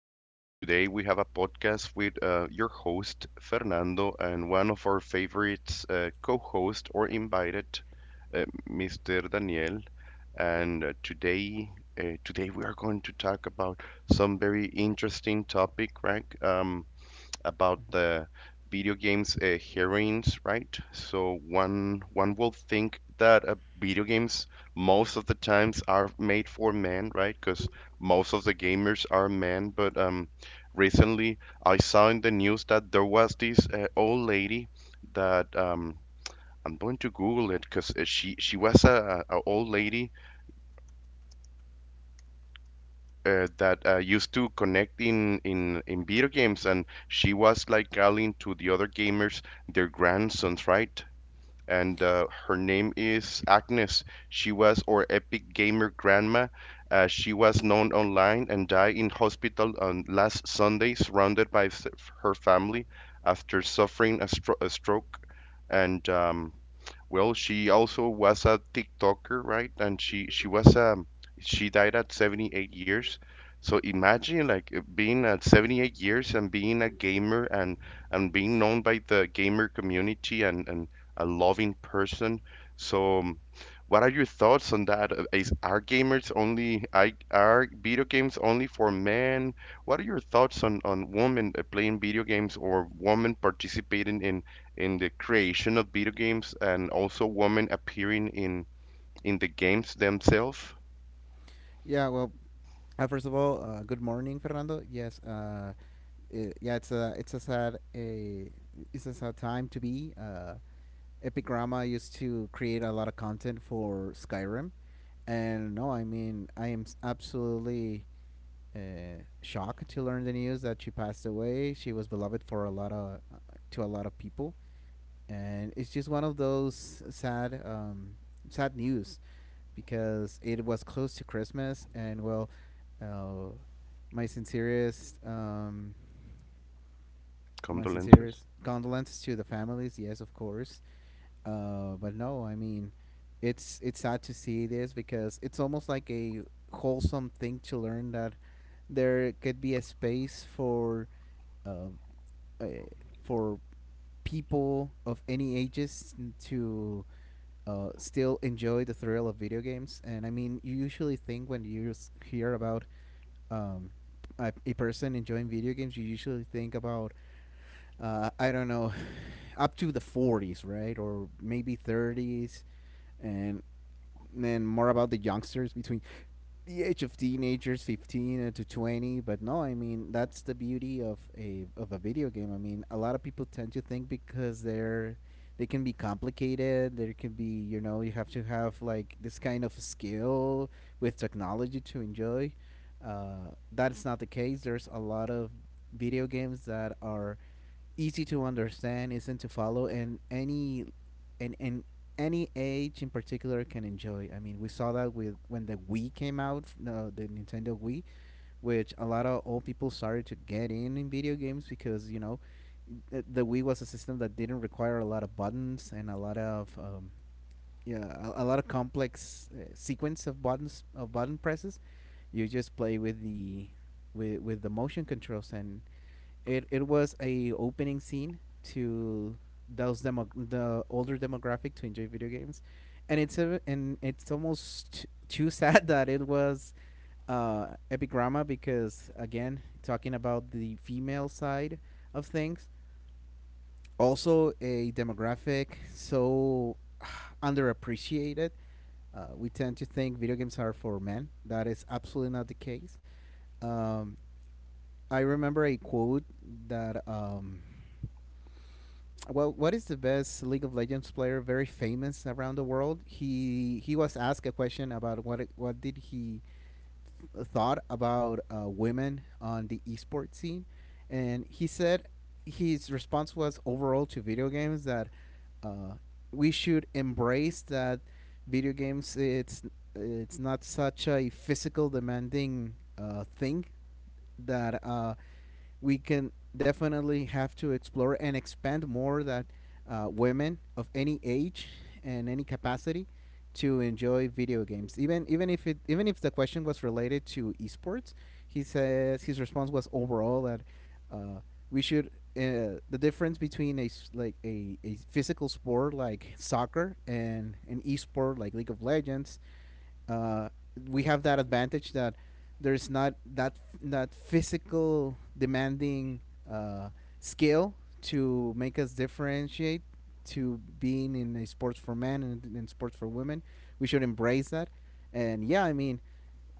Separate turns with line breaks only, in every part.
Uh, Today we have a podcast with your host, Fernando, and one of our favorites, co host or invited, Mr. Daniel. And today we are going to talk about some very interesting topic, right? About the video games heroines, right? So one will think that video games most of the times are made for men, right? Because most of the gamers are men. But recently I saw in the news that there was this old lady that I'm going to Google it because she was a old lady that used to connect in video games, and she was like calling to the other gamers their grandsons, right? And her name is Agnes. She was our epic gamer grandma. She was known online and died in hospital on last Sunday, surrounded by her family after suffering a stroke. And well, she also was a TikToker, right? And she was she died at 78 years. So imagine like being at 78 years and being a gamer and being known by the gamer community and a loving person. So, what are your thoughts on that? Is are gamers only I Are video games only for men? What are your thoughts on women playing video games or women participating in the creation of video games and also women appearing in the games themselves?
Yeah, well, first of all, good morning, Fernando. Yes, it's a sad a it's a sad time to be. Epic Grandma used to create a lot of content for Skyrim, and no, I mean I am absolutely shocked to learn the news that she passed away. She was beloved for a lot of to a lot of people, and it's just one of those sad sad news because it was close to Christmas, and uh, my sincerest, my
Condolences.
sincerest condolences to the families. Yes, of course. But no, I mean, it's sad to see this because it's almost like a wholesome thing to learn that there could be a space uh, uh, for people of any ages to still enjoy the thrill of video games. And I mean, you usually think when you hear about um, a person enjoying video games, you usually think about, I don't know, up to the 40s, right? Or maybe 30s. And then more about the youngsters between the age of teenagers, 15 to 20. But no, I mean that's the beauty of a video game. I mean, a lot of people tend to think because they can be complicated. There can be, you know, you have to have like this kind of skill with technology to enjoy. That is not the case. There's a lot of video games that are easy to understand, isn't to follow, and any age in particular can enjoy. I mean, we saw that with when the Wii came out, the Nintendo Wii, which a lot of old people started to get in video games because, you know, the Wii was a system that didn't require a lot of buttons and a lot of a lot of complex sequence of button presses. You just play with the with the motion controls, and it was a opening scene to those demo the older demographic to enjoy video games, and it's almost too sad that it was Epigrama because, again, talking about the female side of things, also a demographic so underappreciated. We tend to think video games are for men. That is absolutely not the case. Um, I remember a quote that, well, what is the best League of Legends player, very famous around the world? He was asked a question about what did he thought about women on the esports scene, and he said his response was overall to video games that uh, we should embrace that video games, it's not such a physical demanding thing, that we can definitely have to explore and expand more that women of any age and any capacity to enjoy video games. Even if the question was related to esports, he says his response was overall that uh, we should the difference between a physical sport like soccer and an esport like League of Legends, uh, we have that advantage that there's not that physical demanding skill to make us differentiate to being in a sports for men and in sports for women. We should embrace that. And yeah, I mean,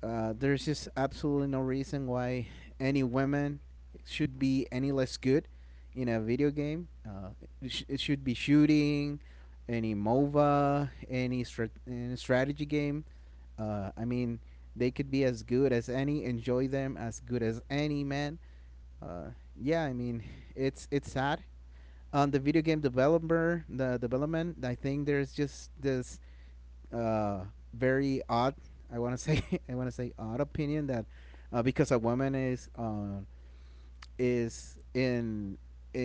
there's just absolutely no reason why any women should be any less good in a video game. It, sh- it should be shooting, any MOBA, any strategy game. I mean, they could be as good as any. Enjoy them as good as any man. Uh, yeah, I mean, it's sad. On the video game developer, the development, I think there's just this uh, very odd. I want to say I want to say odd opinion that, because a woman is is in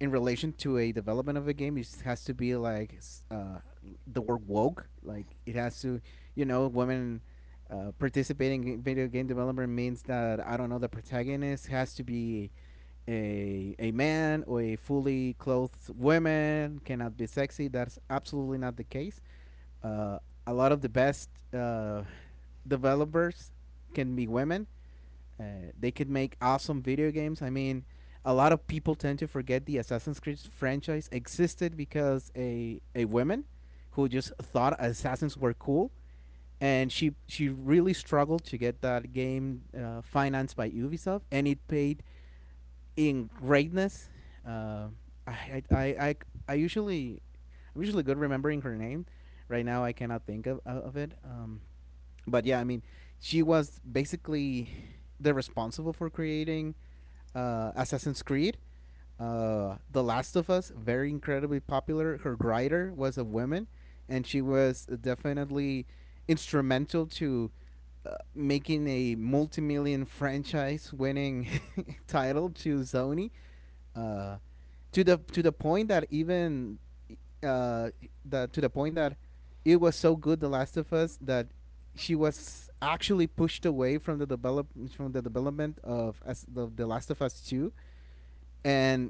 in relation to a development of a game, it has to be like, uh, the word woke. Like it has to, you know, women participating in video game development means that, I don't know, the protagonist has to be a man, or a fully clothed woman cannot be sexy. That's absolutely not the case. Uh, a lot of the best uh, developers can be women. They could make awesome video games. I mean, a lot of people tend to forget the Assassin's Creed franchise existed because a woman who just thought assassins were cool, and she really struggled to get that game financed by Ubisoft, and it paid in greatness. Uh, I, I I I usually I'm usually good remembering her name. Right now, I cannot think of it. But yeah, I mean, she was basically the responsible for creating Assassin's Creed. The Last of Us, very incredibly popular. Her writer was a woman, and she was definitely instrumental to making a multi-million franchise-winning title to Sony. Uh, to the point that even uh, that to the point that it was so good, The Last of Us, that she was actually pushed away from the development of the Last of Us Two, and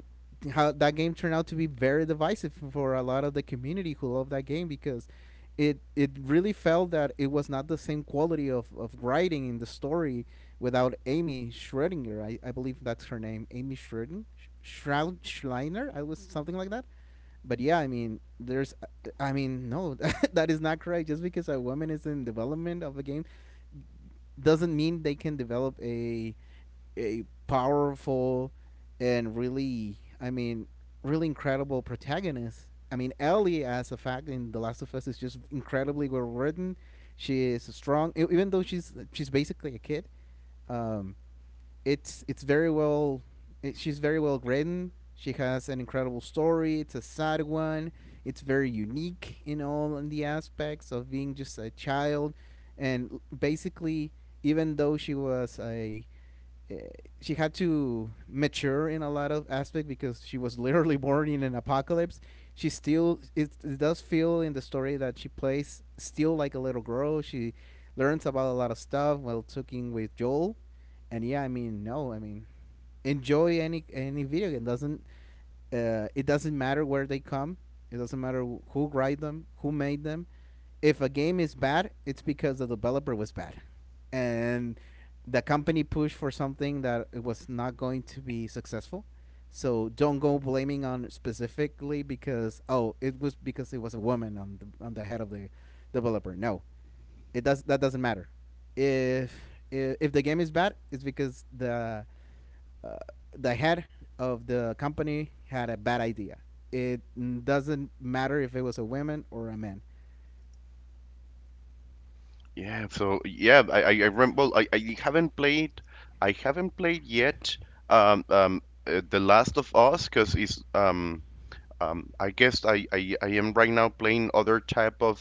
how that game turned out to be very divisive for a lot of the community who love that game because it really felt that it was not the same quality of writing in the story without Amy Schrödinger. I believe that's her name, Amy Schrödinger, Shroud Schleiner. I was something like that. But yeah, I mean, no, that is not correct. Just because a woman is in development of a game doesn't mean they can develop a powerful and really, I mean, really incredible protagonist. I mean, Ellie, as a fact in The Last of Us, is just incredibly well written. She is strong, even though she's basically a kid. Um, it's very well. She's very well written. She has an incredible story. It's a sad one. It's very unique in all in the aspects of being just a child, and basically, even though she was a she had to mature in a lot of aspect because she was literally born in an apocalypse. She still, it does feel in the story that she plays still like a little girl. She learns about a lot of stuff while talking with Joel, and yeah, I mean, no, I mean, enjoy any video game. Doesn't It doesn't matter where they come. It doesn't matter who write them, who made them. If a game is bad, it's because the developer was bad, and the company pushed for something that it was not going to be successful. So don't go blaming on specifically because, oh, it was because it was a woman on the head of the developer. No, it does that doesn't matter. If if the game is bad, it's because uh, the head of the company had a bad idea. It doesn't matter if it was a woman or a man.
Yeah, so yeah, I well, I haven't played, I haven't played yet The Last of Us because it's I guess I am right now playing other type of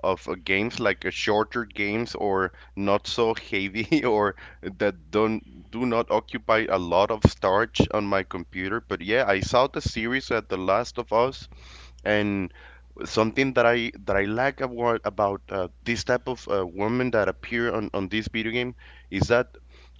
games like shorter games or not so heavy or that don't do not occupy a lot of storage on my computer. But yeah, I saw the series at The Last of Us, and something that I like about this type of women that appear on this video game is that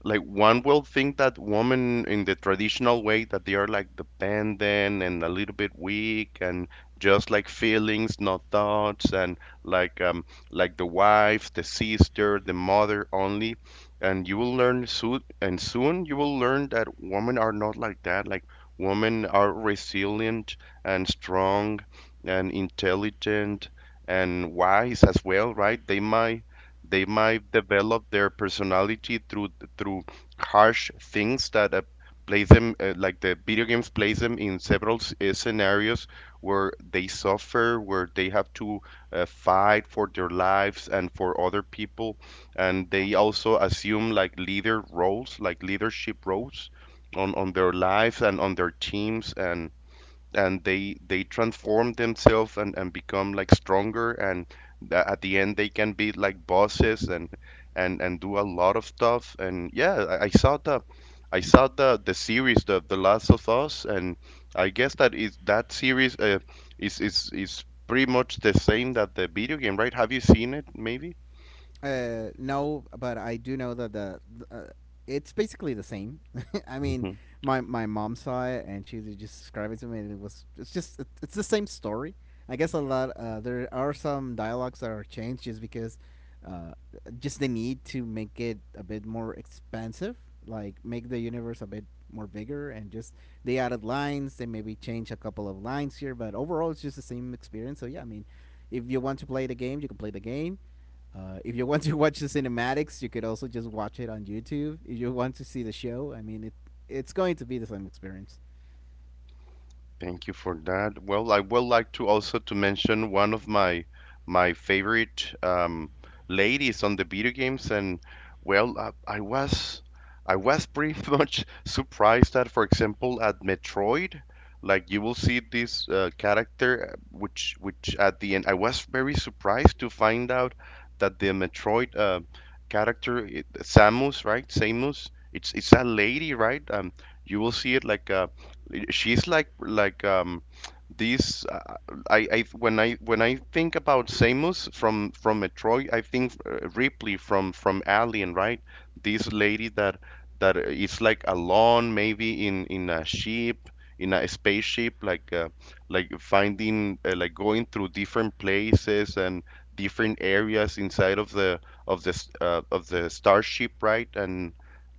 like one will think that women in the traditional way that they are like dependent and a little bit weak and just like feelings, not thoughts, and like um like the wife, the sister, the mother only, and you will learn soon, and soon you will learn that women are not like that. Like women are resilient and strong and intelligent and wise as well, right? They might develop their personality through through harsh things that place them like the video games place them in several scenarios where they suffer, where they have to fight for their lives and for other people, and they also assume like leader roles, like leadership roles on their lives and on their teams, and they transform themselves and become like stronger, and at the end they can be like bosses and do a lot of stuff. And yeah, I saw the, I saw the series the Last of Us, and I guess that is that series is pretty much the same that the video game, right? Have you seen it maybe?
No, but I do know that the, uh, it's basically the same. I mean, my mom saw it, and she just described it to me, and it was it's just it, it's the same story. I guess, a lot, there are some dialogues that are changed just because, uh, just the need to make it a bit more expansive, like make the universe a bit more bigger, and just they added lines. They maybe change a couple of lines here, but overall it's just the same experience. So yeah, I mean, if you want to play the game, you can play the game. If you want to watch the cinematics, you could also just watch it on YouTube. If you want to see the show, I mean, it's going to be the same experience.
Thank you for that. Well, I would like to also to mention one of my my favorite ladies on the video games, and well, I was, I was pretty much surprised that, for example, at Metroid, like you will see this character, which at the end I was very surprised to find out that the Metroid character, Samus, right? Samus, it's a lady, right? You will see it like she's like these I when I think about Samus from Metroid, I think Ripley from Alien, right? This lady that that is like alone, maybe in a ship, in a spaceship, like finding like going through different places and different areas inside of the of this of the starship, right? And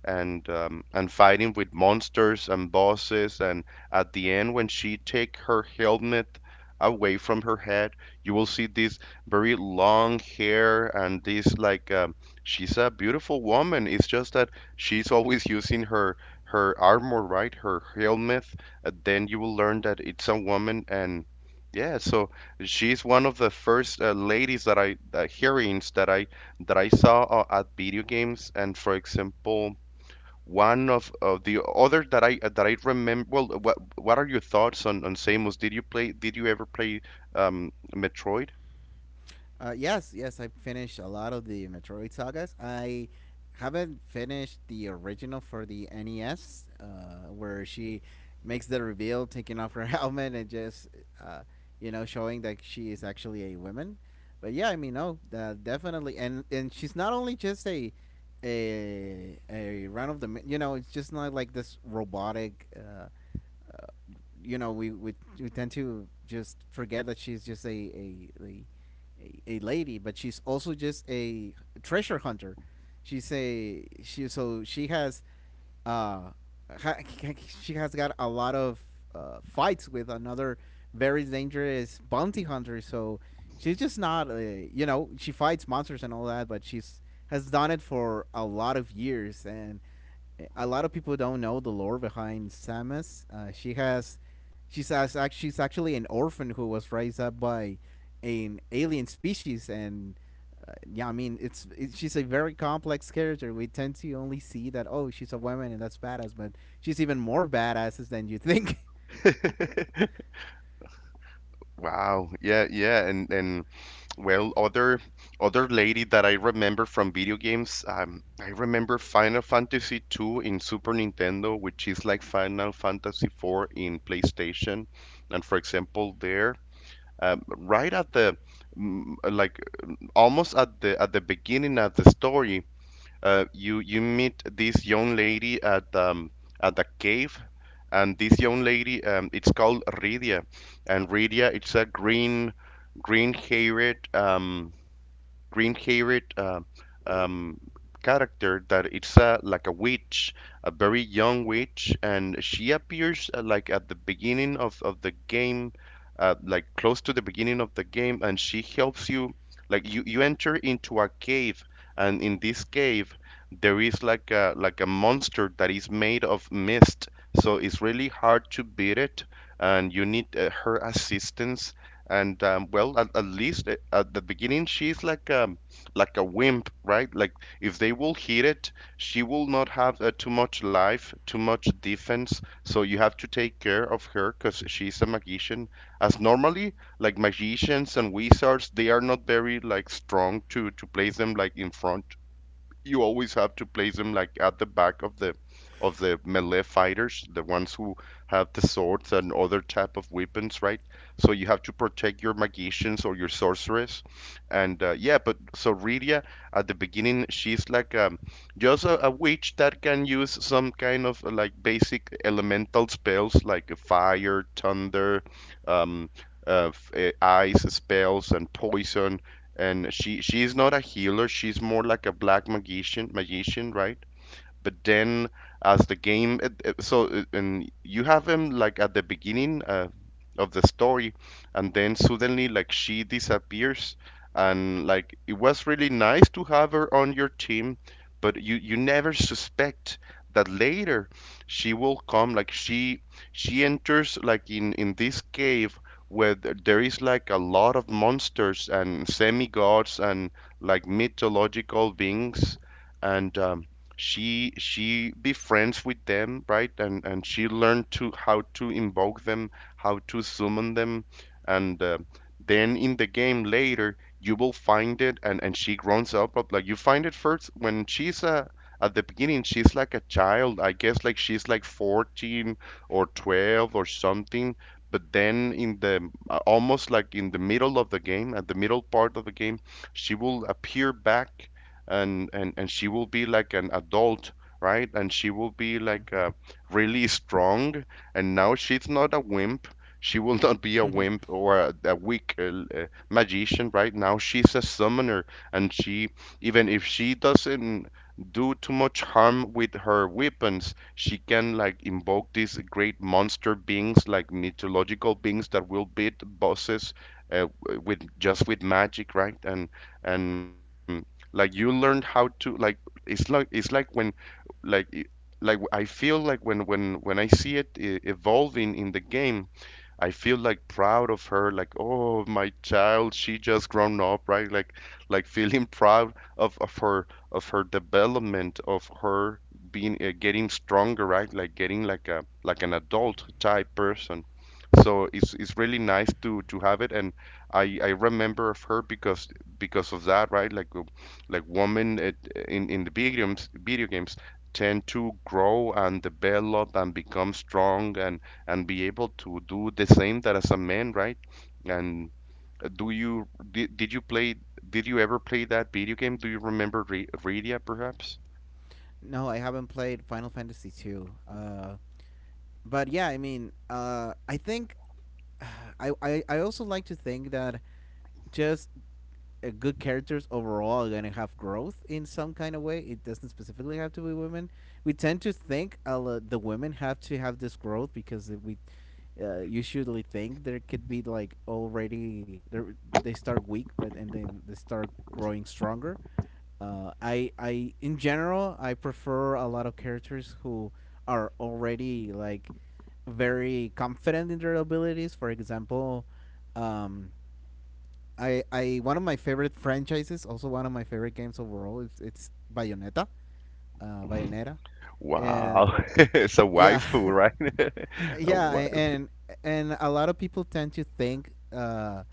and fighting with monsters and bosses, and at the end, when she take her helmet away from her head, you will see this very long hair and this she's a beautiful woman. It's just that she's always using her her armor, right? Her helmet. Then you will learn that it's a woman, and yeah, so she's one of the first ladies that I heroines that I saw at video games, and for example one of the other that I remember. Well, what are your thoughts on Samus? Did you play? Did you ever play Metroid?
Yes, yes, I finished a lot of the Metroid sagas. I haven't finished the original for the NES, where she makes the reveal, taking off her helmet and just, uh, you know, showing that she is actually a woman. But yeah, I mean, no, definitely, and she's not only just a run of the, you know, it's just not like this robotic. Uh, you know, we tend to just forget that she's just a lady, but she's also just a treasure hunter. She's a she so she has uh ha, she has got a lot of fights with another very dangerous bounty hunter. So she's just not a, she fights monsters and all that, but she's has done it for a lot of years, and a lot of people don't know the lore behind Samus. She has, she's actually an orphan who was raised up by an alien species. And yeah, I mean she's a very complex character. We tend to only see that, oh, she's a woman and that's badass, but she's even more badasses than you think.
Wow. Yeah, yeah, and well, other other lady that I remember from video games, I remember Final Fantasy 2 in Super Nintendo, which is like Final Fantasy 4 in PlayStation. And for example, there, right at the like almost at the beginning of the story, you you meet this young lady at the cave, and this young lady it's called Rydia, and Rydia it's a green haired green haired um, um, character that it's a, like a witch, a very young witch, and she appears like at the beginning of the game, like close to the beginning of the game, and she helps you. Like you enter into a cave, and in this cave there is like a monster that is made of mist, so it's really hard to beat it, and you need her assistance, and well, at least at the beginning, she's like a wimp, right? Like if they will hit it, she will not have too much life, too much defense. So you have to take care of her because she's a magician. As normally, like magicians and wizards, they are not very like strong to place them like in front, you always have to place them like at the back of the melee fighters, the ones who have the swords and other type of weapons, right? So you have to protect your magicians or your sorceress, and yeah, but so Rydia at the beginning she's just a witch that can use some kind of like basic elemental spells like fire, thunder, um, ice spells and poison, and she's not a healer, she's more like a black magician, right? But then, as the game, and you have him like at the beginning of the story, and then suddenly like she disappears, and like it was really nice to have her on your team, but you never suspect that later she will come. Like she enters like in this cave where there is like a lot of monsters and semi gods and like mythological beings, and she befriends with them, right? And she learned to how to invoke them, how to summon them, and then in the game later you will find it, and she grows up, like you find it first when she's a at the beginning she's like a child, I guess, like she's like 14 or 12 or something. But then in the almost like in the middle of the game, at the middle part of the game, she will appear back, and she will be like an adult, right? And she will be like really strong, and now she's not a wimp, she will not be a
hmm
wimp or a weak magician. Right now she's a summoner, and she, even if she doesn't do too much harm with her weapons, she can like invoke these great monster beings like mythological beings that will beat bosses with just with magic, right? And like you learned how to like, it's like it's like when like i- I feel like when I see it evolving in the game, I feel like proud of her, like oh my child, she just grown up, right? Like feeling proud of her, of her development, of her being getting stronger, right? Like getting like a like an adult type person. So it's really nice to have it, and I remember of her because of that, right? Like women at, in the video games tend to grow and develop and become strong and be able to do the same that as a man, right? And do you did you play did you ever play that video game? Do you remember Re Redia perhaps?
No, I haven't played Final Fantasy two. But yeah, I mean, I think I also like to think that just good characters overall are gonna have growth in some kind of way. It doesn't specifically have to be women. We tend to think the women have to have this growth because we usually think there could be like already they start weak, but and then they start growing stronger. I in general I prefer a lot of characters who are already like very confident in their abilities. For example, um, I one of my favorite franchises, also one of my favorite games overall. It's Bayonetta, Bayonetta.
Wow,
Uh,
it's a
yeah,
waifu, right? A
yeah, and a lot of people tend to think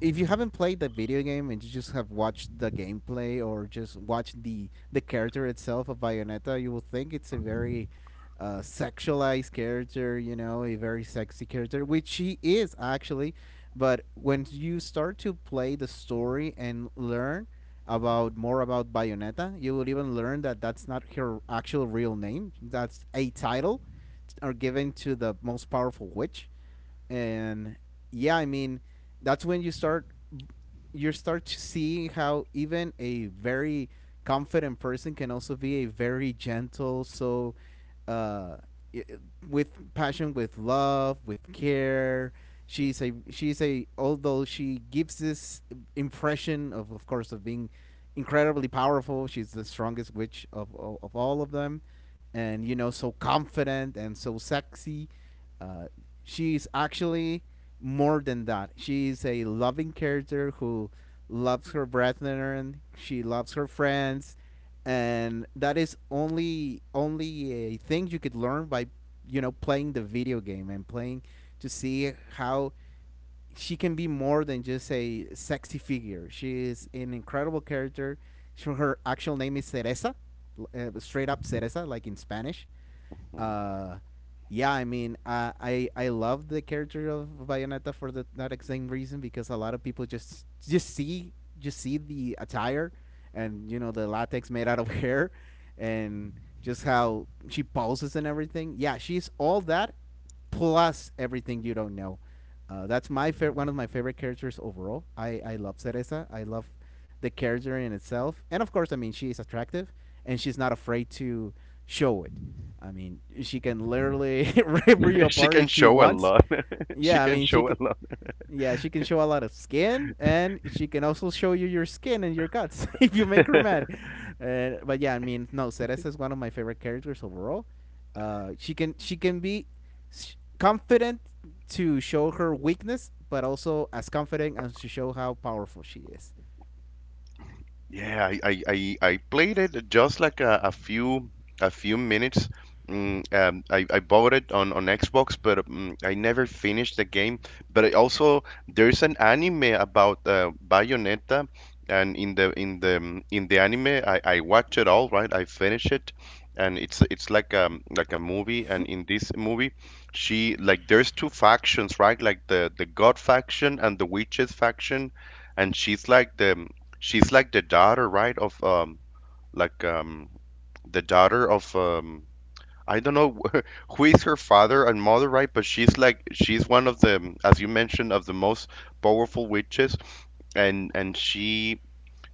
if you haven't played the video game and you just have watched the gameplay or just watched the character itself of Bayonetta, you will think it's a very sexualized character, you know, a very sexy character, which she is actually. But when you start to play the story and learn about more about Bayonetta, you will even learn that that's not her actual real name. That's a title are given to the most powerful witch. And yeah, I mean that's when you start to see how even a very confident person can also be a very gentle, so uh i- with passion, with love, with care, she's a, although she gives this impression, of course, of being incredibly powerful. She's the strongest witch of of all of them, and, you know, so confident and so sexy. Uh, she's actually more than that. She's a loving character who loves her brethren. She loves her friends, and that is only a thing you could learn by, you know, playing the video game and playing to see how she can be more than just a sexy figure. She is an incredible character. She, her actual name is Cereza, straight up Cereza, like in Spanish.
waifu.
Uh, yeah, I mean, I love the character of Bayonetta for the, that same reason, because a lot of people just see the attire and, you know, the latex made out of hair, and just how she poses and everything. Yeah, she's all that plus everything you don't know. That's my favorite, one of my favorite characters overall. I love Cereza. I love the character in itself, and of course, I mean, she is attractive, and she's not afraid to show it. I mean, she can literally rip you
She
apart
can
if she
show a
wants.
lot. She
Yeah, I
can
mean, she
show a
could,
lot.
yeah, she can show a lot of skin, and she can also show you your skin and your guts if you make her mad. But yeah, I mean, no, Cereza is one of my favorite characters overall. She can be confident to show her weakness, but also as confident as to show how powerful she is.
Yeah, I played it just like a few minutes. I bought it on Xbox, but I never finished the game. But I also there's an anime about Bayonetta, and in the in the anime, I watch it all, right? I finish it, and it's like a movie. And in this movie, she like, there's two factions, right? Like the God faction and the Witches faction, and she's like the she's like the daughter, right? Of like the daughter of I don't know. Who is her father and mother, right? But she's one of the, as you mentioned, of the most powerful witches, and she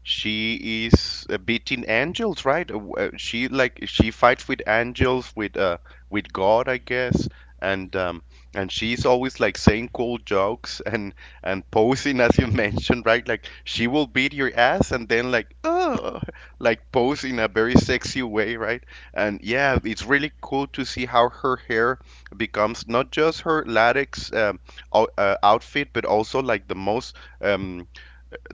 she is beating angels, right? She like she fights with angels, with God, I guess, and um, and she's always like saying cool jokes and posing, as you mentioned, right? Like she will beat your ass and then like, oh, like pose in a very sexy way, right? And yeah, it's really cool to see how her hair becomes not just her latex outfit, but also like the most. Um,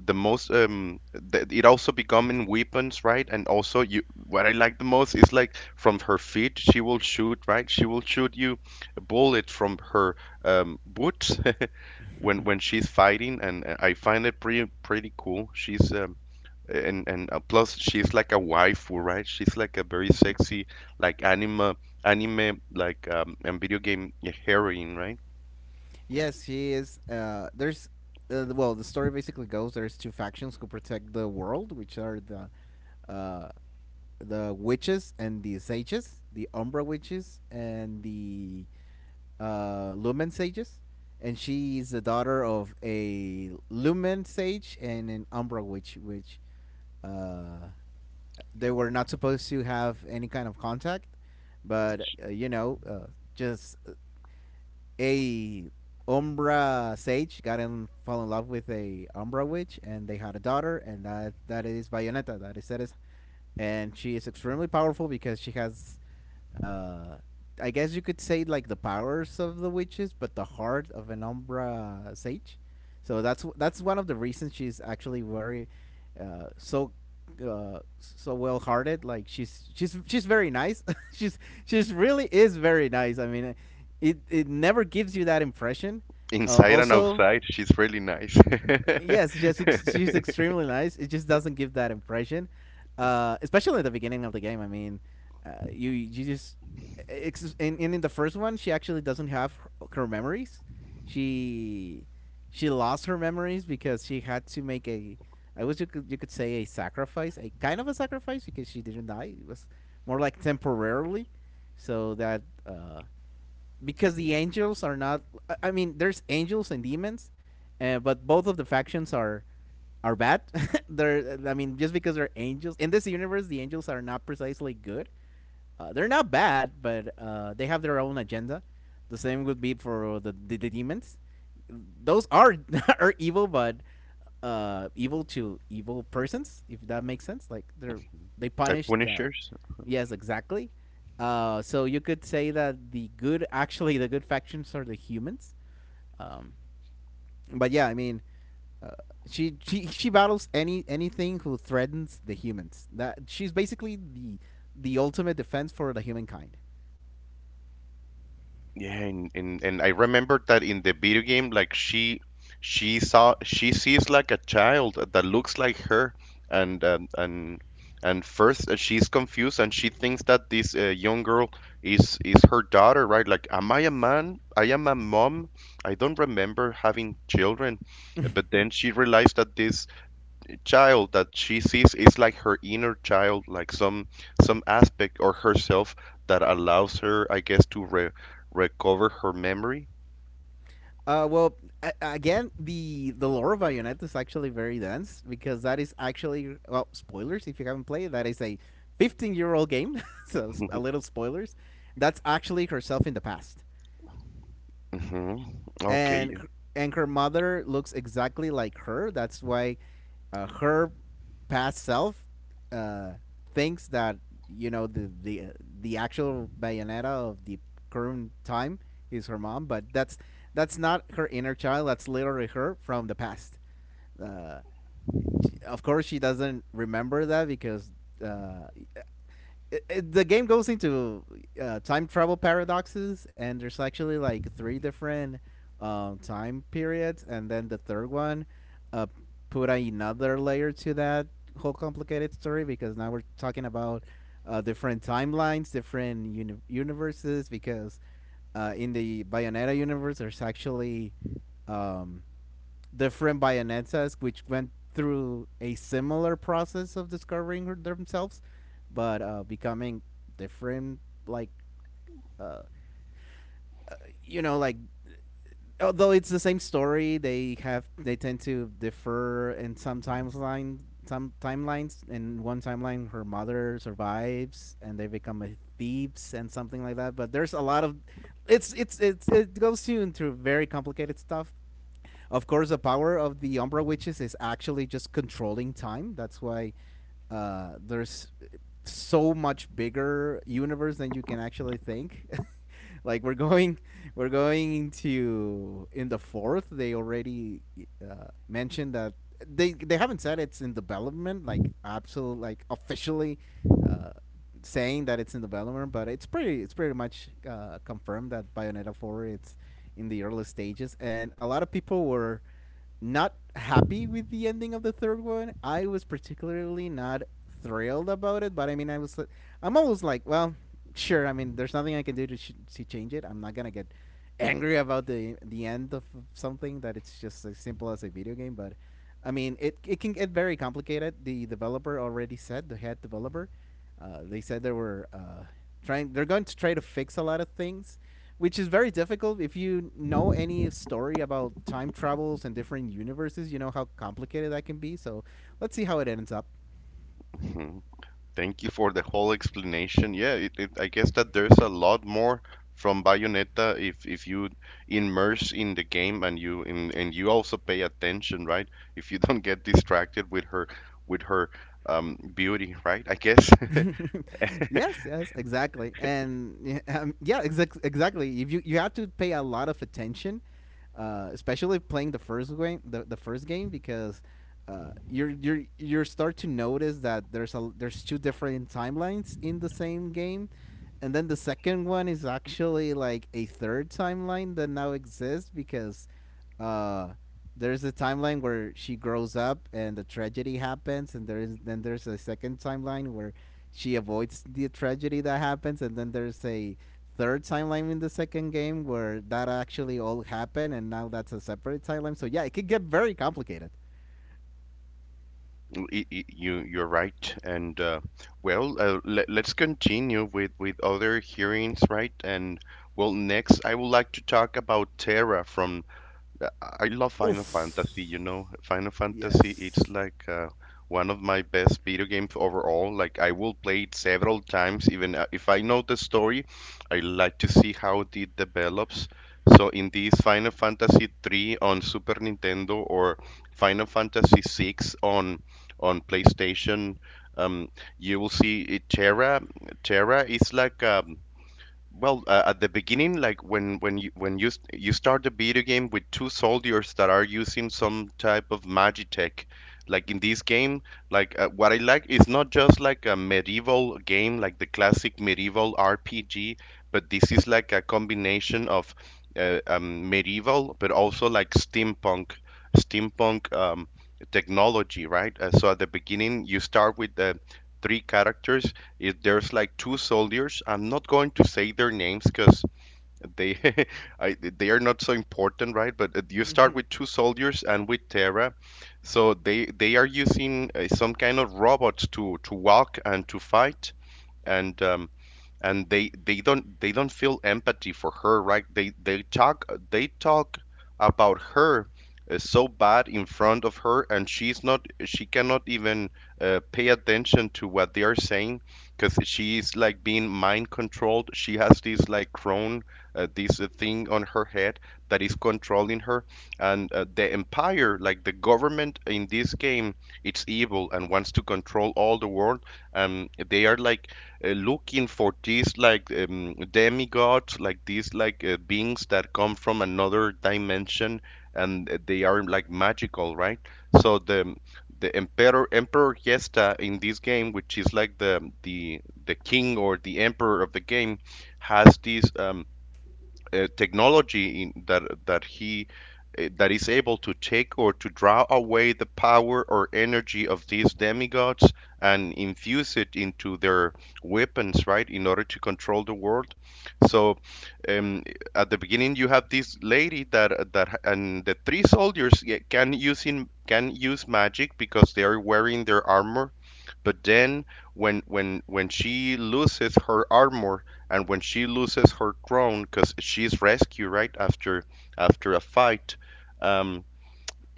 the most um it also becoming weapons, right? And also, you, what I like the most is like from her feet she will shoot, right? She will shoot you a bullet from her boots when she's fighting, and I find it pretty cool. she's and Plus she's like a waifu, right? She's like a very sexy like anime like and video game heroine, right?
Yes, she is. There's Well, the story basically goes: there's two factions who protect the world, which are uh, the witches and the sages, the Umbra witches and the Lumen sages, and she is the daughter of a Lumen sage and an Umbra witch, which uh, they were not supposed to have any kind of contact, but you know, just a Umbra sage got in fall in love with a Umbra witch, and they had a daughter, and that is Bayonetta. That is And she is extremely powerful because she has, uh, I guess you could say like the powers of the witches, but the heart of an Umbra sage. So that's one of the reasons she's actually very, uh, so so well hearted. Like she's very nice. she's she's really is very nice. I mean, it never gives you that impression.
Inside and
Also
outside she's really nice.
Yes, she's extremely nice. It just doesn't give that impression, especially at the beginning of the game. I mean, you you just in the first one she actually doesn't have her, her memories. She she lost her memories because she had to make a, I wish you could say a sacrifice, a kind of a sacrifice, because she didn't die. It was more like temporarily, so that because the angels are not. I mean, there's angels and demons, but both of the factions are bad. They're, I mean, just because they're angels in this universe, the angels are not precisely good. They're not bad, but they have their own agenda. The same would be for the demons. Those are are evil, but evil to evil persons, if that makes sense. Like they're they
Like
punish the,
punishers.
yes, exactly. So you could say that the good, actually, the good factions are the humans. Um, but yeah, I mean, uh, she battles anything who threatens the humans. That she's basically the ultimate defense for the humankind.
Yeah, and I remembered that in the video game, like she sees like a child that looks like her, and and and, and first, she's confused and she thinks that this young girl is her daughter, right? Like, am I a man? I am a mom. I don't remember having children. But
uh,
then she realized that this child that she sees is like her inner child, like some aspect or herself that allows her, I guess, to re recover her memory.
well, Again, the lore of Bayonetta is actually very dense, because that is actually, well, spoilers if you haven't played. That is a 15-year-old game, so a little spoilers. That's actually herself in the past.
Hmm.
and
Okay.
and her mother looks exactly like her. That's why her past self uh, thinks that, you know, the actual Bayonetta of the current time is her mom. But that's not her inner child. That's literally her from the past. Uh, she, of course, she doesn't remember that because uh, it- the game goes into time travel paradoxes, and there's actually like three different time periods. And then the third one uh, put another layer to that whole complicated story, because now we're talking about different timelines, different universes. Because in the Bayonetta universe, there's actually um, different Bayonetta's, which went through a similar process of discovering themselves, but becoming different. Like uh, you know, like although it's the same story, they have they tend to differ in some timelines. In one timeline, her mother survives, and they become a thieves and something like that. But there's a lot of, it's it goes into very complicated stuff. Of course, the power of the Umbra Witches is actually just controlling time. That's why there's so much bigger universe than you can actually think. Like we're going into in the fourth they already mentioned that they haven't said it's in development like absolute like officially uh, saying that it's in development, but it's pretty, it's pretty much confirmed that bayonetta 4 it's in the early stages. And a lot of people were not happy with the ending of the third one. I was particularly not thrilled about it, but I mean, I was I'm always like, well, sure. I mean, there's nothing I can do to to change it. I'm not gonna get angry about the end of something that it's just as simple as a video game, but. I mean, it can get very complicated. The developer already said, the head developer, they said they were trying. They're going to try to fix a lot of things, which is very difficult. If you know any story about time travels and different universes, you know how complicated that can be. So let's see how it ends up.
Hmm. Thank you for the whole explanation. Yeah, it, I guess that there's a lot more from Bayonetta if you immerse in the game and and you also pay attention, right? If you don't get distracted with her beauty, right? I guess.
Yes, yes, exactly. And yeah, exactly, if you you have to pay a lot of attention, especially playing the first game, the first game, because you're you start to notice that there's two different timelines in the same game. And then the second one is actually like a third timeline that now exists, because uh there's a timeline where she grows up and the tragedy happens, and there is, then there's a second timeline where she avoids the tragedy that happens. And then there's a third timeline in the second game where that actually all happened, and now that's a separate timeline. So yeah, it could get very complicated.
You, you're right. And let, let's continue with other hearings, right? And well, next, I would like to talk about Terra from I love Final Fantasy, you know.
Oof.
Final Fantasy, it's
Yes.
like one of my best video games overall. Like I will play it several times, even if I know the story, I like to see how it develops. So in this Final Fantasy 3 on Super Nintendo or Final Fantasy 6 on PlayStation, um, you will see it, Terra. Terra is like a Well, at the beginning, like when you start the video game with two soldiers that are using some type of magitech, like in this game, like what I like is not just like a medieval game, like the classic medieval RPG, but this is like a combination of medieval, but also like steampunk, steampunk um, technology, right? So at the beginning, you start with the three characters, if there's like two soldiers, I'm not going to say their names because they I, they are not so important, right? But you start
Mm-hmm.
with two soldiers and with Terra, so they are using some kind of robots to walk and to fight, and um, and they don't feel empathy for her, right? They talk about her so bad in front of her, and she cannot even pay attention to what they are saying because she's like being mind controlled. She has this like crown, this thing on her head that is controlling her. And the empire, like the government in this game, it's evil and wants to control all the world. They are like looking for these like demigods, like these like beings that come from another dimension, and they are like magical, right? So the emperor Emperor Yesta in this game, which is like the king or the emperor of the game, has this. Technology in, that that he that is able to take or to draw away the power or energy of these demigods and infuse it into their weapons, right, in order to control the world. So, um, at the beginning, you have this lady that that and the three soldiers, yeah, can can use magic because they are wearing their armor, but then when she loses her armor and when she loses her crown because she's rescued right after after a fight. um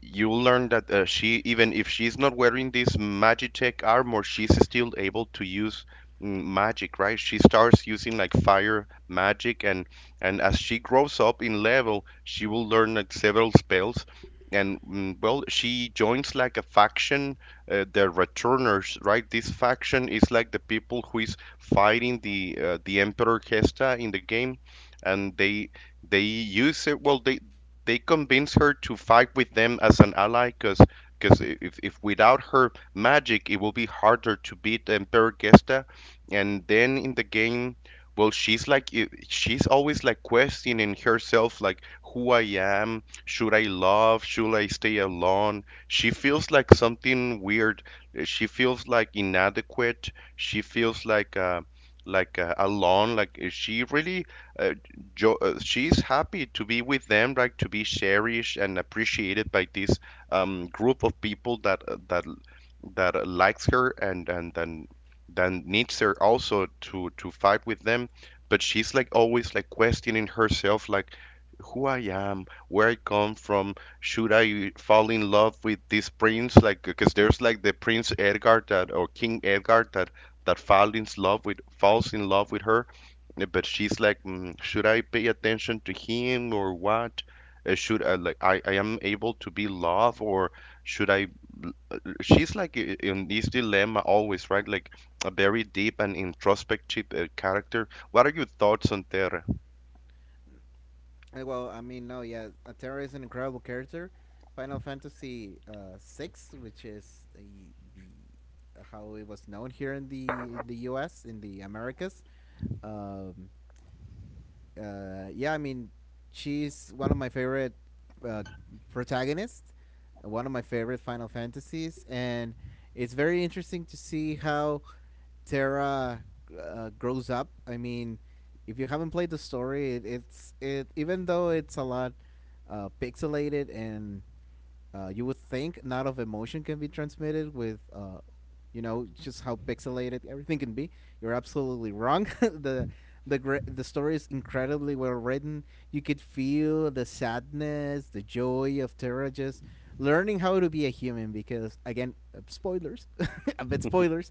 you learn that, she, even if she's not wearing this Magitech armor, she's still able to use magic, right? She starts using like fire magic, and as she grows up in level, she will learn like several spells. And well, she joins like a faction, the Returners, right? This faction is like the people who is fighting the Emperor Hesta in the game, and they use it. Well, they convince her to fight with them as an ally, because if without her magic, it will be harder to beat Emperor Gesta. And then in the game, well, she's like she's always like questioning herself, like who I am, should I love, should I stay alone? She feels like something weird. She feels like inadequate. She feels like alone. Like she really uh, she's happy to be with them, like to be cherished and appreciated by this group of people that that likes her, and then needs her also to fight with them. But she's like always like questioning herself, like who I am, where I come from. Should I fall in love with this prince? Like, because there's like the Prince Edgar that or King Edgar that falls in love with her, yeah. But she's like, mm, should I pay attention to him or what? Should I like, I am able to be love or should I? She's like in this dilemma always, right? Like a very deep and introspective character. What are your thoughts on Terra?
Well, I mean, no, yeah, Terra is an incredible character. Final Fantasy six, which is the how it was known here in the U.S. in the Americas. Um, yeah, I mean, she's one of my favorite uh, protagonists, one of my favorite Final Fantasies, and it's very interesting to see how Terra grows up. I mean, if you haven't played the story, it, it's it even though it's a lot pixelated and you would think not of emotion can be transmitted with just how pixelated everything can be. You're absolutely wrong. The story is incredibly well written. You could feel the sadness, the joy of Terra just learning how to be a human because again, spoilers, a bit spoilers,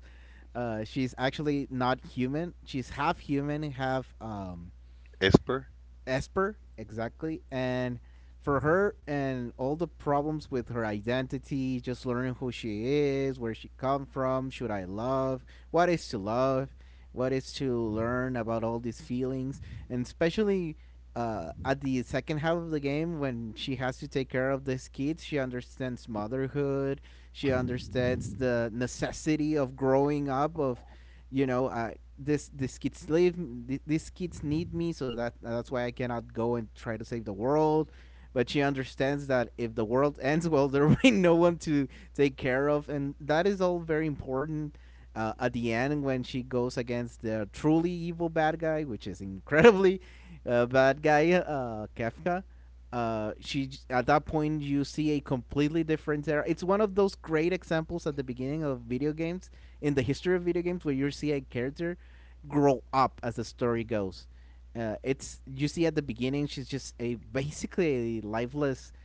she's actually not human. She's half human, half
Esper?
Esper, exactly. And for her and all the problems with her identity, just learning who she is, where she come from, should I love, what is to love, what is to learn about all these feelings, and especially at the second half of the game when she has to take care of these kids, she understands motherhood, she understands the necessity of growing up, of you know, uh, this kids live these kids need me so that's why I cannot go and try to save the world, but she understands that if the world ends, well there will be no one to take care of, and that is all very important. At the end when she goes against the truly evil bad guy, which is incredibly bad guy, Kafka, she at that point you see a completely different era. It's one of those great examples at the beginning of video games, in the history of video games, where you see a character grow up as the story goes. It's You see at the beginning she's just a basically a lifeless,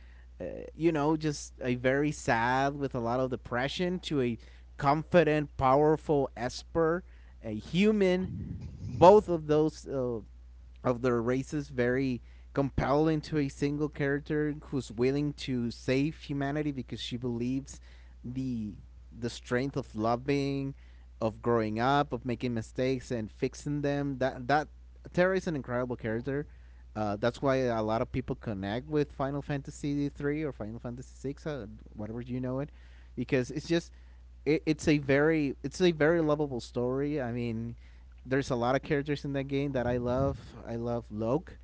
uh, just a very sad with a lot of depression, to a confident, powerful Esper, a human. Both of those of their races very compelled into a single character who's willing to save humanity because she believes the the strength of loving, of growing up, of making mistakes and fixing them. That Terra is an incredible character. That's why a lot of people connect with Final Fantasy 3 or Final Fantasy 6, whatever you know it, because it's just it's a very it's a very lovable story. I mean, there's a lot of characters in that game that I love. I love Loke,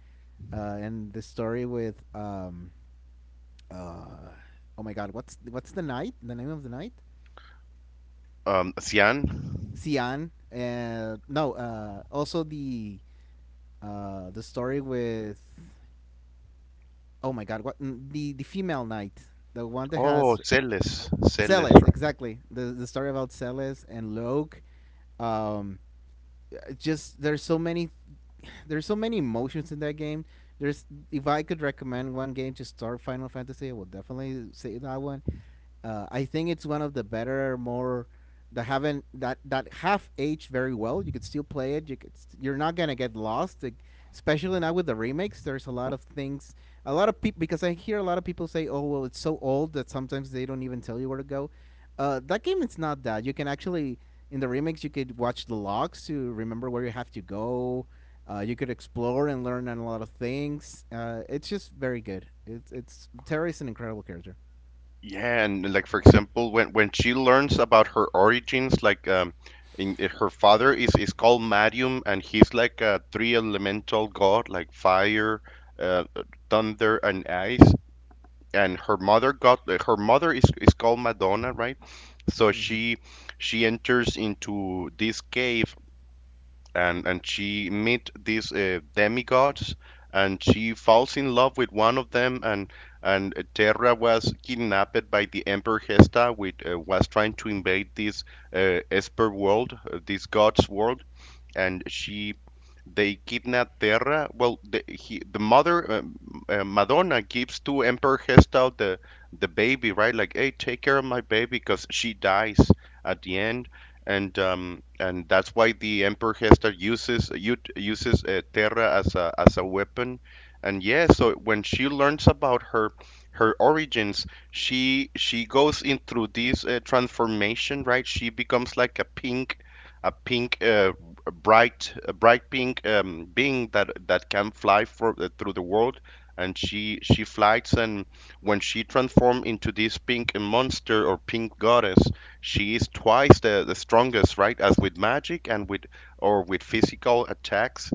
and the story with uh, oh my god, what's the knight? The name of the knight?
Cian?
Sian. No, also the story with oh my god, the female knight, the one that has
Oh, Celes, Celes,
Celes,
right.
exactly. The story about Celes and Loke. Um, just there's so many emotions in that game. There's If I could recommend one game to start Final Fantasy, I would definitely say that one. I think it's one of the better, more that haven't that that have aged very well. You could still play it. You you're not gonna get lost, like, especially now with the remakes. There's a lot of things, a lot of people, because I hear a lot of people say, "Oh well, it's so old that sometimes they don't even tell you where to go." That game it's not that. You can actually in the remakes you could watch the logs to remember where you have to go. You could explore and learn on a lot of things. It's just very good. It's Terry is an incredible character.
Yeah, and like for example, when she learns about her origins, like her father is called Marium, and he's like a three elemental god, like fire, uh, thunder, and ice. And her mother is called Madonna, right? So
Mm-hmm.
she enters into this cave, and she meet these demigods, and she falls in love with one of them. And Terra was kidnapped by the Emperor Hesta, which was trying to invade this Esper world, this god's world, and she they kidnap Terra. Well, the mother, Madonna gives to Emperor Hestal the baby, right? Like, hey, take care of my baby, because she dies at the end, and that's why the Emperor Hestal uses Terra as a weapon. And yeah, so when she learns about her her origins, she goes in through this transformation, right? She becomes like a pink a pink uh, a bright pink being that that can fly for through the world, and she flies. And when she transforms into this pink monster or pink goddess, she is twice the strongest, right? As with magic and with or with physical attacks.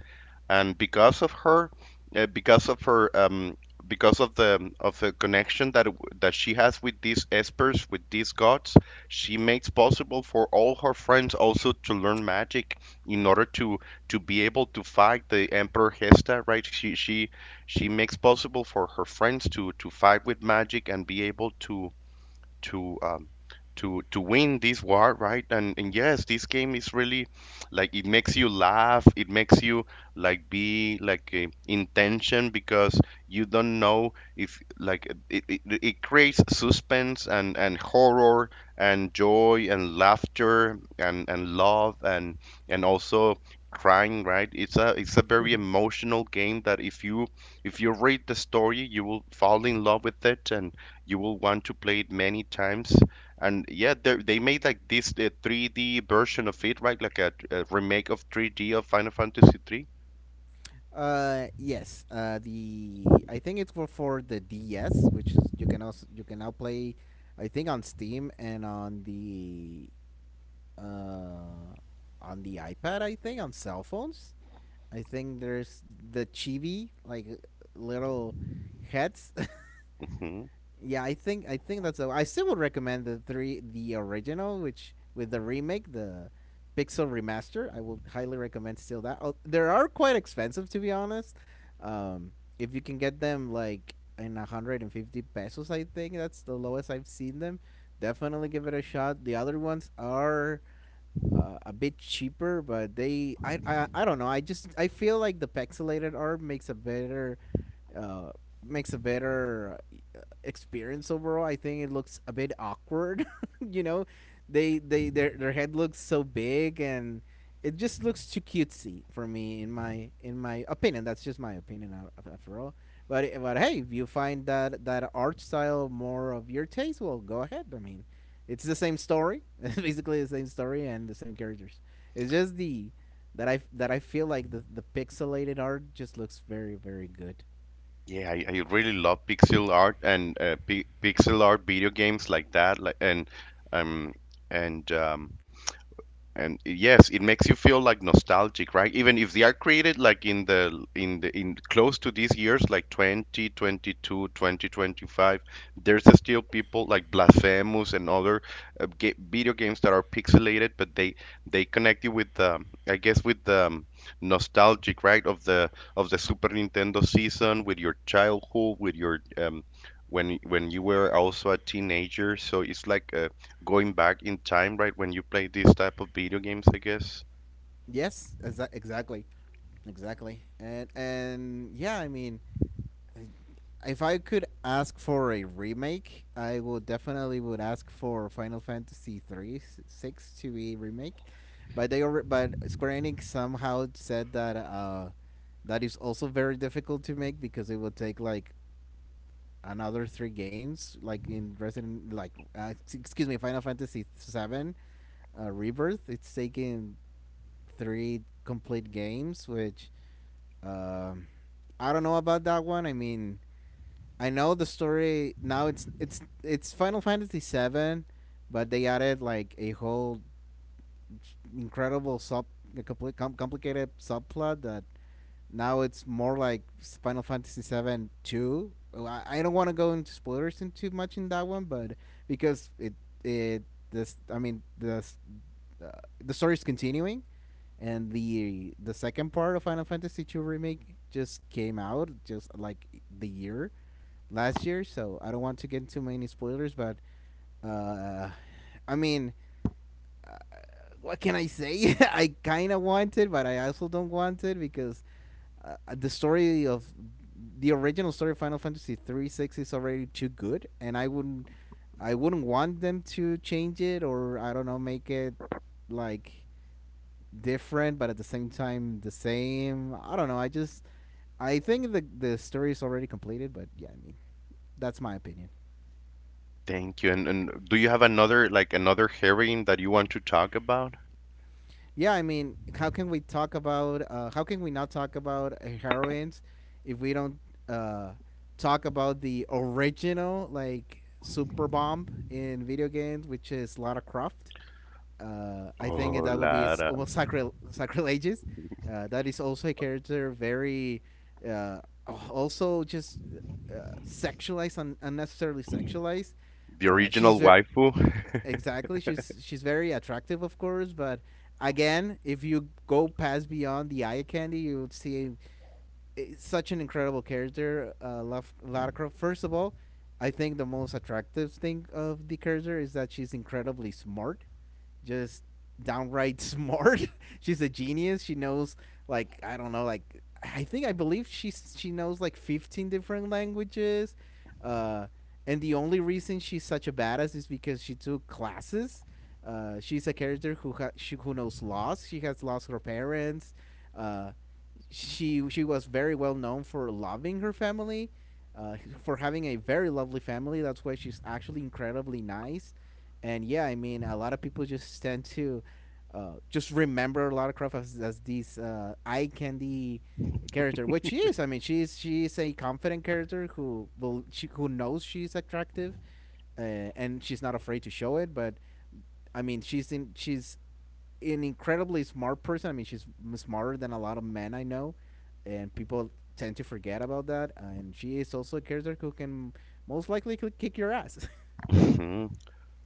And because of her, because of her, because of the connection that that she has with these espers, with these gods, she makes possible for all her friends also to learn magic in order to be able to fight the Emperor Hesta, right? She makes possible for her friends to fight with magic and be able to to um, to win this war, right? And yes, this game is really, like, it makes you laugh. It makes you like be like in tension, because you don't know if, like, it creates suspense and horror and joy and laughter and love and also crying, right? It's a very emotional game that if you read the story, you will fall in love with it, and you will want to play it many times. And yeah, they made like this 3D version of it, right? Like a remake of 3D of Final Fantasy 3.
Yes. The I think it's for the DS, which is you can also you can now play, I think on Steam and uh on the iPad. I think on cell phones. I think there's the chibi like little heads.
Hmm.
Yeah, I think that's. A, I still would recommend the three, the original, which with the remake, the Pixel Remaster. I will highly recommend still that. Oh, they are quite expensive to be honest. Um, if you can get them like in 150 pesos, I think that's the lowest I've seen them. Definitely give it a shot. The other ones are a bit cheaper, but they I don't know. I just I feel like the pixelated art uh makes a better experience overall, I think it looks a bit awkward. You know, they their head looks so big and it just looks too cutesy for me in my opinion. That's just my opinion after all. But hey, if you find that art style more of your taste, well, go ahead. I mean, it's the same story, it's basically the same story and the same characters. It's just the that I feel like the pixelated art just looks very very good.
Yeah, I really love pixel art and pi pixel art video games like that. Like and um and um And yes, it makes you feel like nostalgic, right? Even if they are created like in close to these years, like 22, 2025, there's still people like Blasphemous and other ga video games that are pixelated, but they connect you with the I guess with the nostalgic, right, of the Super Nintendo season, with your childhood, with your when you were also a teenager. So it's like a going back in time, right? When you play these type of video games, I guess.
Yes, exactly, exactly, and yeah, I mean, if I could ask for a remake, I would definitely would ask for Final Fantasy three six to be remake, but Square Enix somehow said that that is also very difficult to make because it will take like another three games, like in Resident, like excuse me, Final Fantasy 7 Rebirth. It's taking three complete games, which um, I don't know about that one. I mean, I know the story now. It's Final Fantasy 7, but they added like a whole incredible a complicated subplot that now it's more like Final Fantasy 7-2. Well, I don't want to go into spoilers and too much in that one, but because it this I mean uh, the story is continuing, and the second part of Final Fantasy II remake just came out just like the year last year. So I don't want to get too many spoilers, but uh, I mean, uh, what can I say? I kind of want it, but I also don't want it because uh, the story of the original story of Final Fantasy 3/6 is already too good, and I wouldn't want them to change it or I don't know make it like different, but at the same time the same. I don't know. I think the story is already completed, but yeah, I mean that's my opinion.
Thank you. And do you have another, like, another heroine that you want to talk about?
Yeah, I mean, how can we not talk about heroines if we don't uh, talk about the original like super bomb in video games, which is Lara Croft? I think
Oh,
that will be
Lara,
almost sacrilegious. That is also a character very, uh, also just sexualized and unnecessarily sexualized.
the
Uh, she's
original
ver-
waifu.
exactly she's very attractive, of course, but again, if you go past beyond the eye candy, you would see such an incredible character, Lara Croft. First of all, I think the most attractive thing of the character is that she's incredibly smart, just downright smart. She's a genius. She knows like I don't know, like I think I believe she knows like 15 different languages. Uh and the only reason she's such a badass is because she took classes. She's a character who ha- she, who knows loss. She has lost her parents. Uh, she was very well known for loving her family, uh, for having a very lovely family. That's why she's actually incredibly nice. And yeah, I mean, a lot of people just tend to just remember Lara Croft as this eye candy character, which she is. I mean, she's a confident character who knows she's attractive, uh, and she's not afraid to show it. But I mean, she's an incredibly smart person. I mean, she's smarter than a lot of men I know, and people tend to forget about that. And she is also a character who can most likely kick your ass.
Mhm.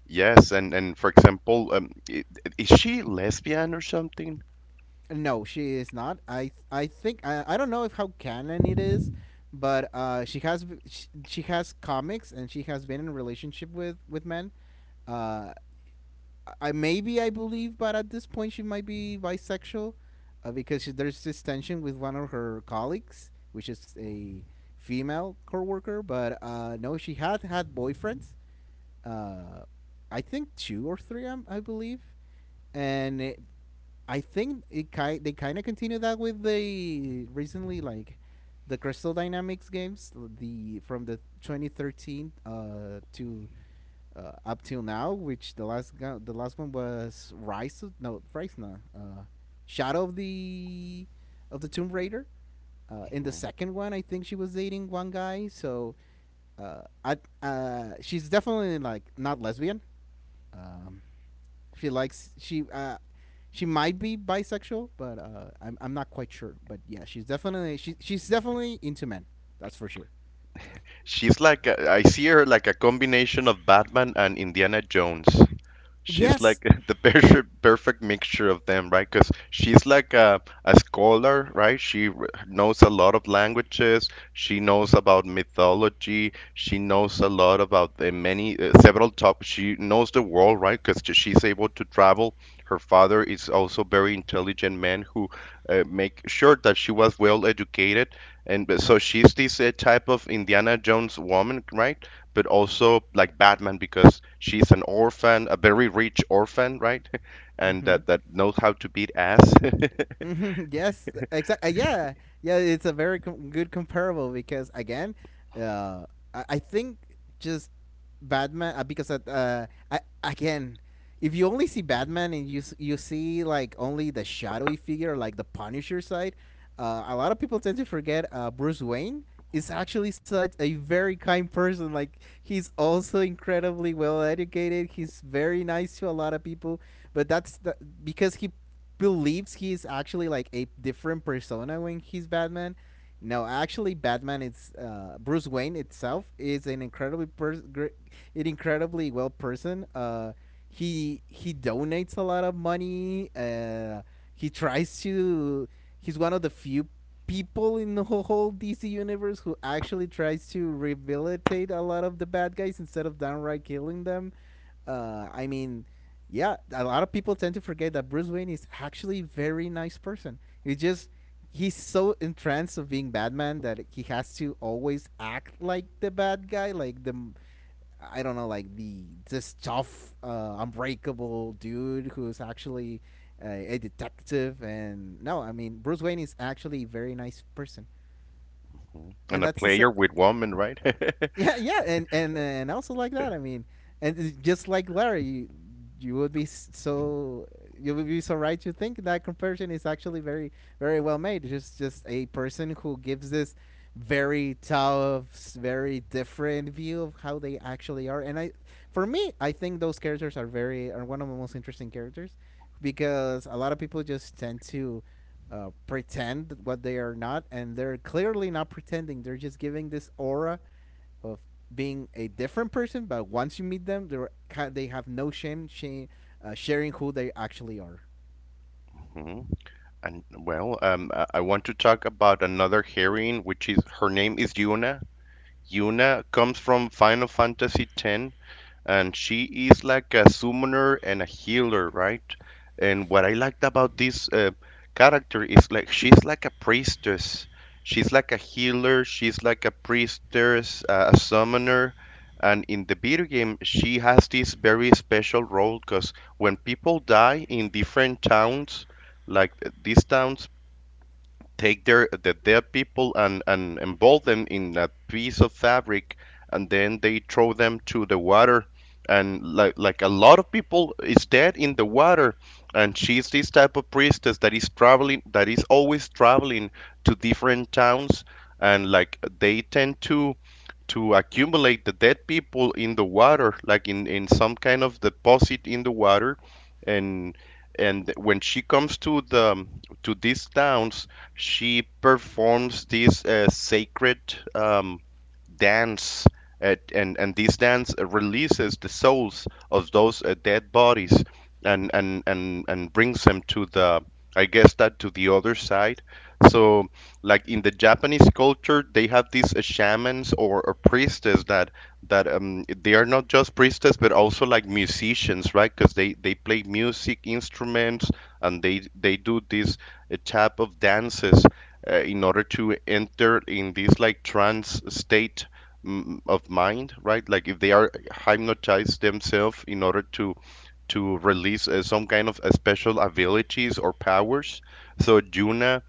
Yes, and for example, is she lesbian or something?
No, she is not. I don't know if how canon it is, but she has comics and she has been in a relationship with men. Uh, I believe, but at this point she might be bisexual, there's this tension with one of her colleagues, which is a female coworker. But no, she had had boyfriends. Uh, I think two or three, I believe, and I think they kind of continue that with the recently like the Crystal Dynamics games, the from the 2013 to up till now, which the last one was Rise of no Rise no, Shadow of the Tomb Raider. In the
Mhm.
second one, I think she was dating one guy, so I she's definitely like not lesbian. Um, she she might be bisexual, but I'm not quite sure. But yeah, she's definitely into men. That's for sure.
I see her like a combination of Batman and Indiana Jones. She's
Yes.
like the perfect mixture of them, right? Because she's like a scholar, right? She knows a lot of languages. She knows about mythology. She knows a lot about the many several topics. She knows the world, right? Because she's able to travel. Her father is also very intelligent man who, make sure that she was well educated, and so she's this type of Indiana Jones woman, right? But also like Batman because she's an orphan, a very rich orphan, right? And
Mm-hmm.
that knows how to beat ass.
Yes, exactly. Yeah, yeah. It's a good comparable because again, uh, I think just Batman again, if you only see Batman and you see like only the shadowy figure, like the Punisher side, a lot of people tend to forget Bruce Wayne is actually such a very kind person. Like he's also incredibly well educated. He's very nice to a lot of people, but because he believes he's actually like a different persona when he's Batman. No, actually, Batman is Bruce Wayne itself is an incredibly well person. He donates a lot of money. He tries to. He's one of the few people in the whole, DC universe who actually tries to rehabilitate a lot of the bad guys instead of downright killing them. I mean, yeah, a lot of people tend to forget that Bruce Wayne is actually a very nice person. He just he's so entranced of being Batman that he has to always act like the bad guy, like the I don't know, like the this tough, unbreakable dude who's actually a detective. And no, I mean Bruce Wayne is actually a very nice person,
Mhm. And a
and that's the
player
sa-
with women, right?
yeah, yeah, and also like that. I mean, and it's just like Larry, you would be s- so you would be so right to think that comparison is actually very very well made. Just a person who gives this very tough, very different view of how they actually are. For me, I think those characters are very are one of the most interesting characters because a lot of people just tend to pretend what they are not, and they're clearly not pretending. They're just giving this aura of being a different person, but once you meet them, they have no shame sharing who they actually are.
Mhm. And, well, I want to talk about another heroine, which is her name is Yuna. Yuna comes from Final Fantasy X, and she is like a summoner and a healer, right? And what I liked about this character is, like, she's like a priestess. She's like a healer, she's like a priestess, a summoner. And in the video game, she has this very special role because when people die in different towns, like these towns take the dead people and involve them in a piece of fabric, and then they throw them to the water. And, like, a lot of people is dead in the water. And she's this type of priestess that is always traveling to different towns, and, like, they tend to accumulate the dead people in the water, like in some kind of deposit in the water. And and when she comes to the to these towns, she performs these sacred, um, dance, and this dance releases the souls of those dead bodies, and brings them to I guess, that to the other side. So, like in the Japanese culture, they have these shamans or, priestess that they are not just priestess but also like musicians, right? Because they play music instruments, and they do this a type of dances, in order to enter in this, like, trance state, of mind, right? Like, if they are hypnotized themselves in order to release some kind of special abilities or powers. So, Juna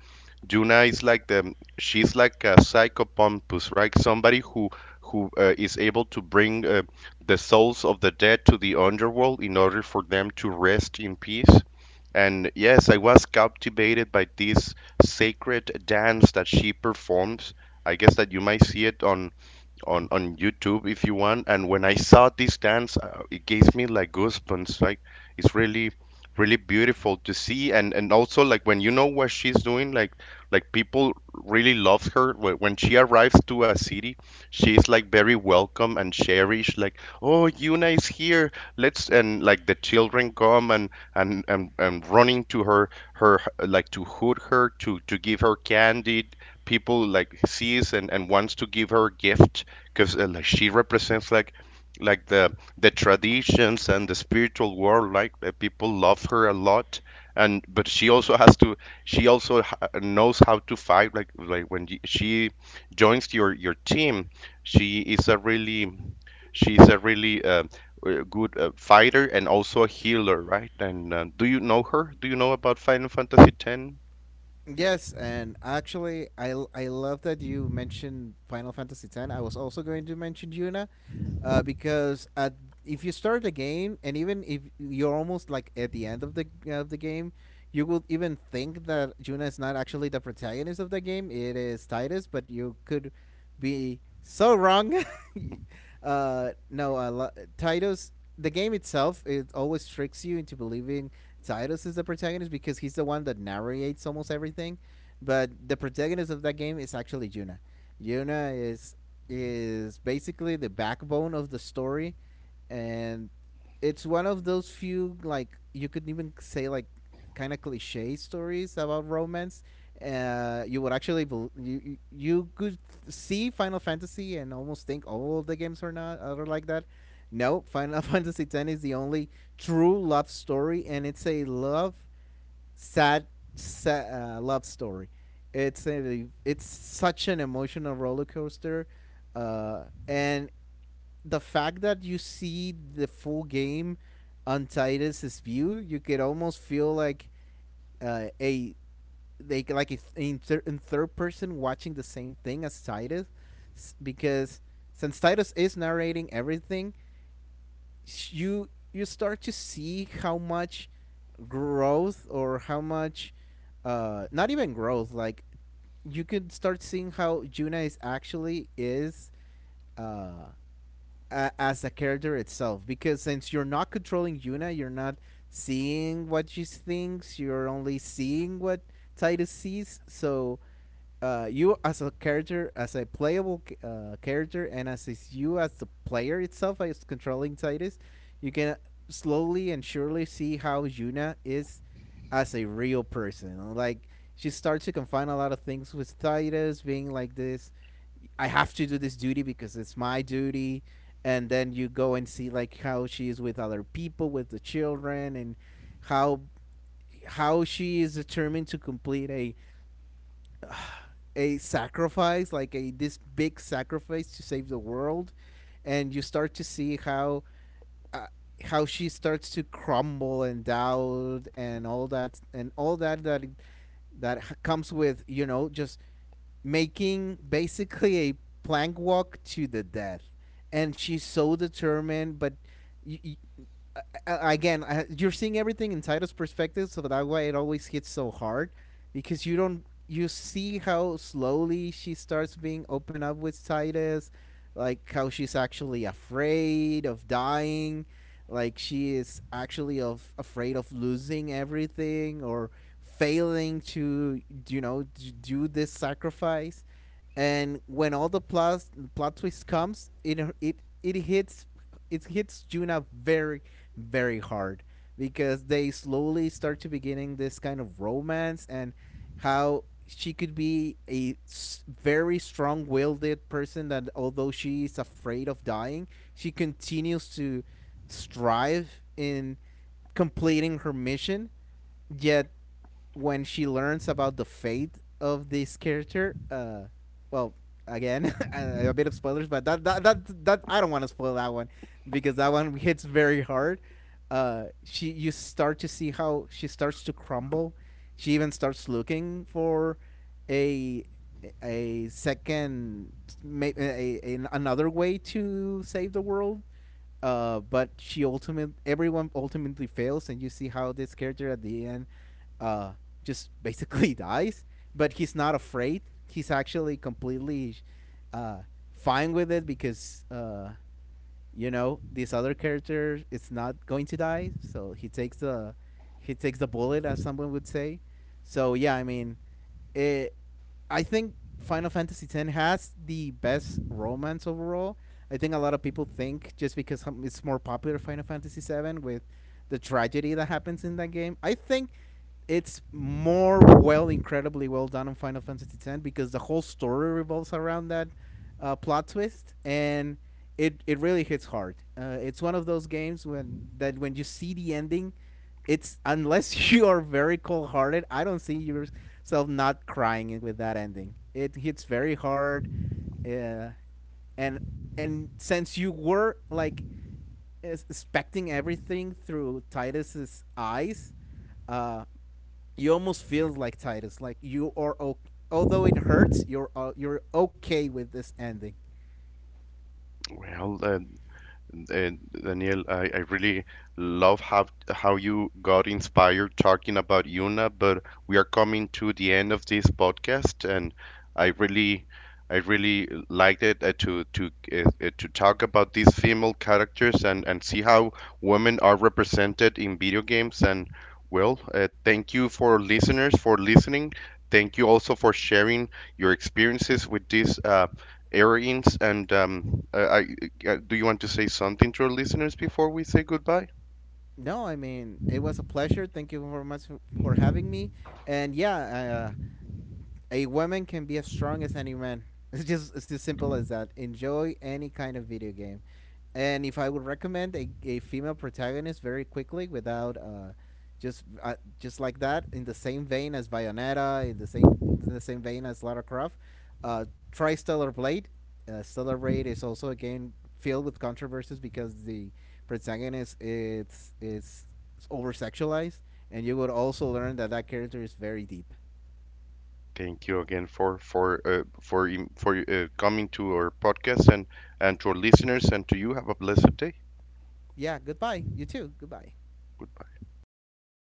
Juna is like the she's like a psychopompus, right? Somebody who is able to bring, the souls of the dead to the underworld in order for them to rest in peace. And yes, I was captivated by this sacred dance that she performs. I guess that you might see it on YouTube if you want. And when I saw this dance, it gave me like goosebumps. Like, it's really really beautiful to see, and also, like, when you know what she's doing, like people really love her. When she arrives to a city, she's like very welcome and cherished, like, oh, Yuna is here, let's and like the children come, and running to her, like, to hood her, to give her candy. People like sees and wants to give her gifts, because, like, she represents, like, like the the traditions and the spiritual world, like the people love her a lot. And but she also has to she also ha- knows how to fight, like, when she joins your team. She is a really she's a really, good fighter and also a healer, right? And do you know about Final Fantasy 10?
Yes, and actually, I love that you mentioned Final Fantasy X. I was also going to mention Yuna, because at if you start the game, and even if you're almost like at the end of the game, you would even think that Yuna is not actually the protagonist of the game. It is Titus, but you could be so wrong. No, lo- Titus. The game itself it always tricks you into believing Titus is the protagonist because he's the one that narrates almost everything. But the protagonist of that game is actually Juna. Juna is basically the backbone of the story, and it's one of those few like you could even say like kind of cliche stories about romance you would actually bel you you you could see Final Fantasy and almost think all the games are like that. No, Final Fantasy X is the only true love story, and it's a love sad, sad love story. It's such an emotional roller coaster, and the fact that you see the full game on Titus's view, you could almost feel like a they like in, thir- in third person watching the same thing as Titus, because since Titus is narrating everything, you start to see how much growth or how much, not even growth. Like you could start seeing how Juna is uh as a character itself because since you're not controlling Yuna, you're not seeing what she thinks. You're only seeing what Titus sees. So you as a character, as a playable character, and as is you as the player itself, as controlling Titus, you can slowly and surely see how Yuna is as a real person. Like she starts to confine a lot of things with Titus being like this. I have to do this duty because it's my duty. And then you go and see like how she is with other people, with the children, and how how she is determined to complete a sacrifice, like a this big sacrifice to save the world, and you start to see uh, how she starts to crumble and doubt and all that and all that that comes with you know just making basically a plank walk to the death, and she's so determined, but. You, again, you're seeing everything in Titus' perspective, so that's why it always hits so hard, because you don't you see how slowly she starts being open up with Titus, like how she's actually afraid of dying, like she is actually of afraid of losing everything or failing to you know do this sacrifice. And when all the plot twist comes, it hits Juna very very hard because they slowly start to beginning this kind of romance. And how she could be very strong-willed person that although she is afraid of dying she continues to strive in completing her mission, yet when she learns about the fate of this character, well, again, a bit of spoilers, but that I don't want to spoil that one because that one hits very hard. She you start to see how she starts to crumble. She even starts looking for a a second, another way to save the world but she ultimate everyone ultimately fails, and you see how this character at the end uh, just basically dies. But he's not afraid. He's actually completely uh, fine with it because you know this other character is not going to die, so he takes the bullet, as someone would say. So yeah, I mean, it, I think Final Fantasy X has the best romance overall. I think a lot of people think just because it's more popular Final Fantasy VII with the tragedy that happens in that game. I think it's more well, incredibly well done on Final Fantasy X because the whole story revolves around that plot twist, and it really hits hard. It's one of those games when that when you see the ending, it's unless you are very cold-hearted, I don't see yourself not crying with that ending. It hits very hard, uh, and and since you were like expecting everything through Titus's eyes, uh you almost feel like Titus, like you are o although it hurts you're okay with this ending.
Well uh, Uh, Daniel, I really love how you got inspired talking about Yuna, but we are coming to the end of this podcast, and I really I really liked it, to talk about these female characters and see how women are represented in video games. And, well, thank you for listeners for listening. Thank you also for sharing your experiences with this. Airings, and do you want to say something to our listeners before we say goodbye?
No, I mean, it was a pleasure. Thank you very much for having me. And yeah, uh, a woman can be as strong as any man. It's just it's as simple as that. Enjoy any kind of video game. And if I would recommend a female protagonist very quickly without just like that in the same vein as Bayonetta, in the same vein as Lara Croft, uh, try Stellar Blade. Stellar Blade is also a game filled with controversies because the protagonist is over sexualized, and you would also learn that that character is very deep.
Thank you again for coming to our podcast and to our listeners and to you. Have a blessed day.
Yeah, goodbye. You too. Goodbye.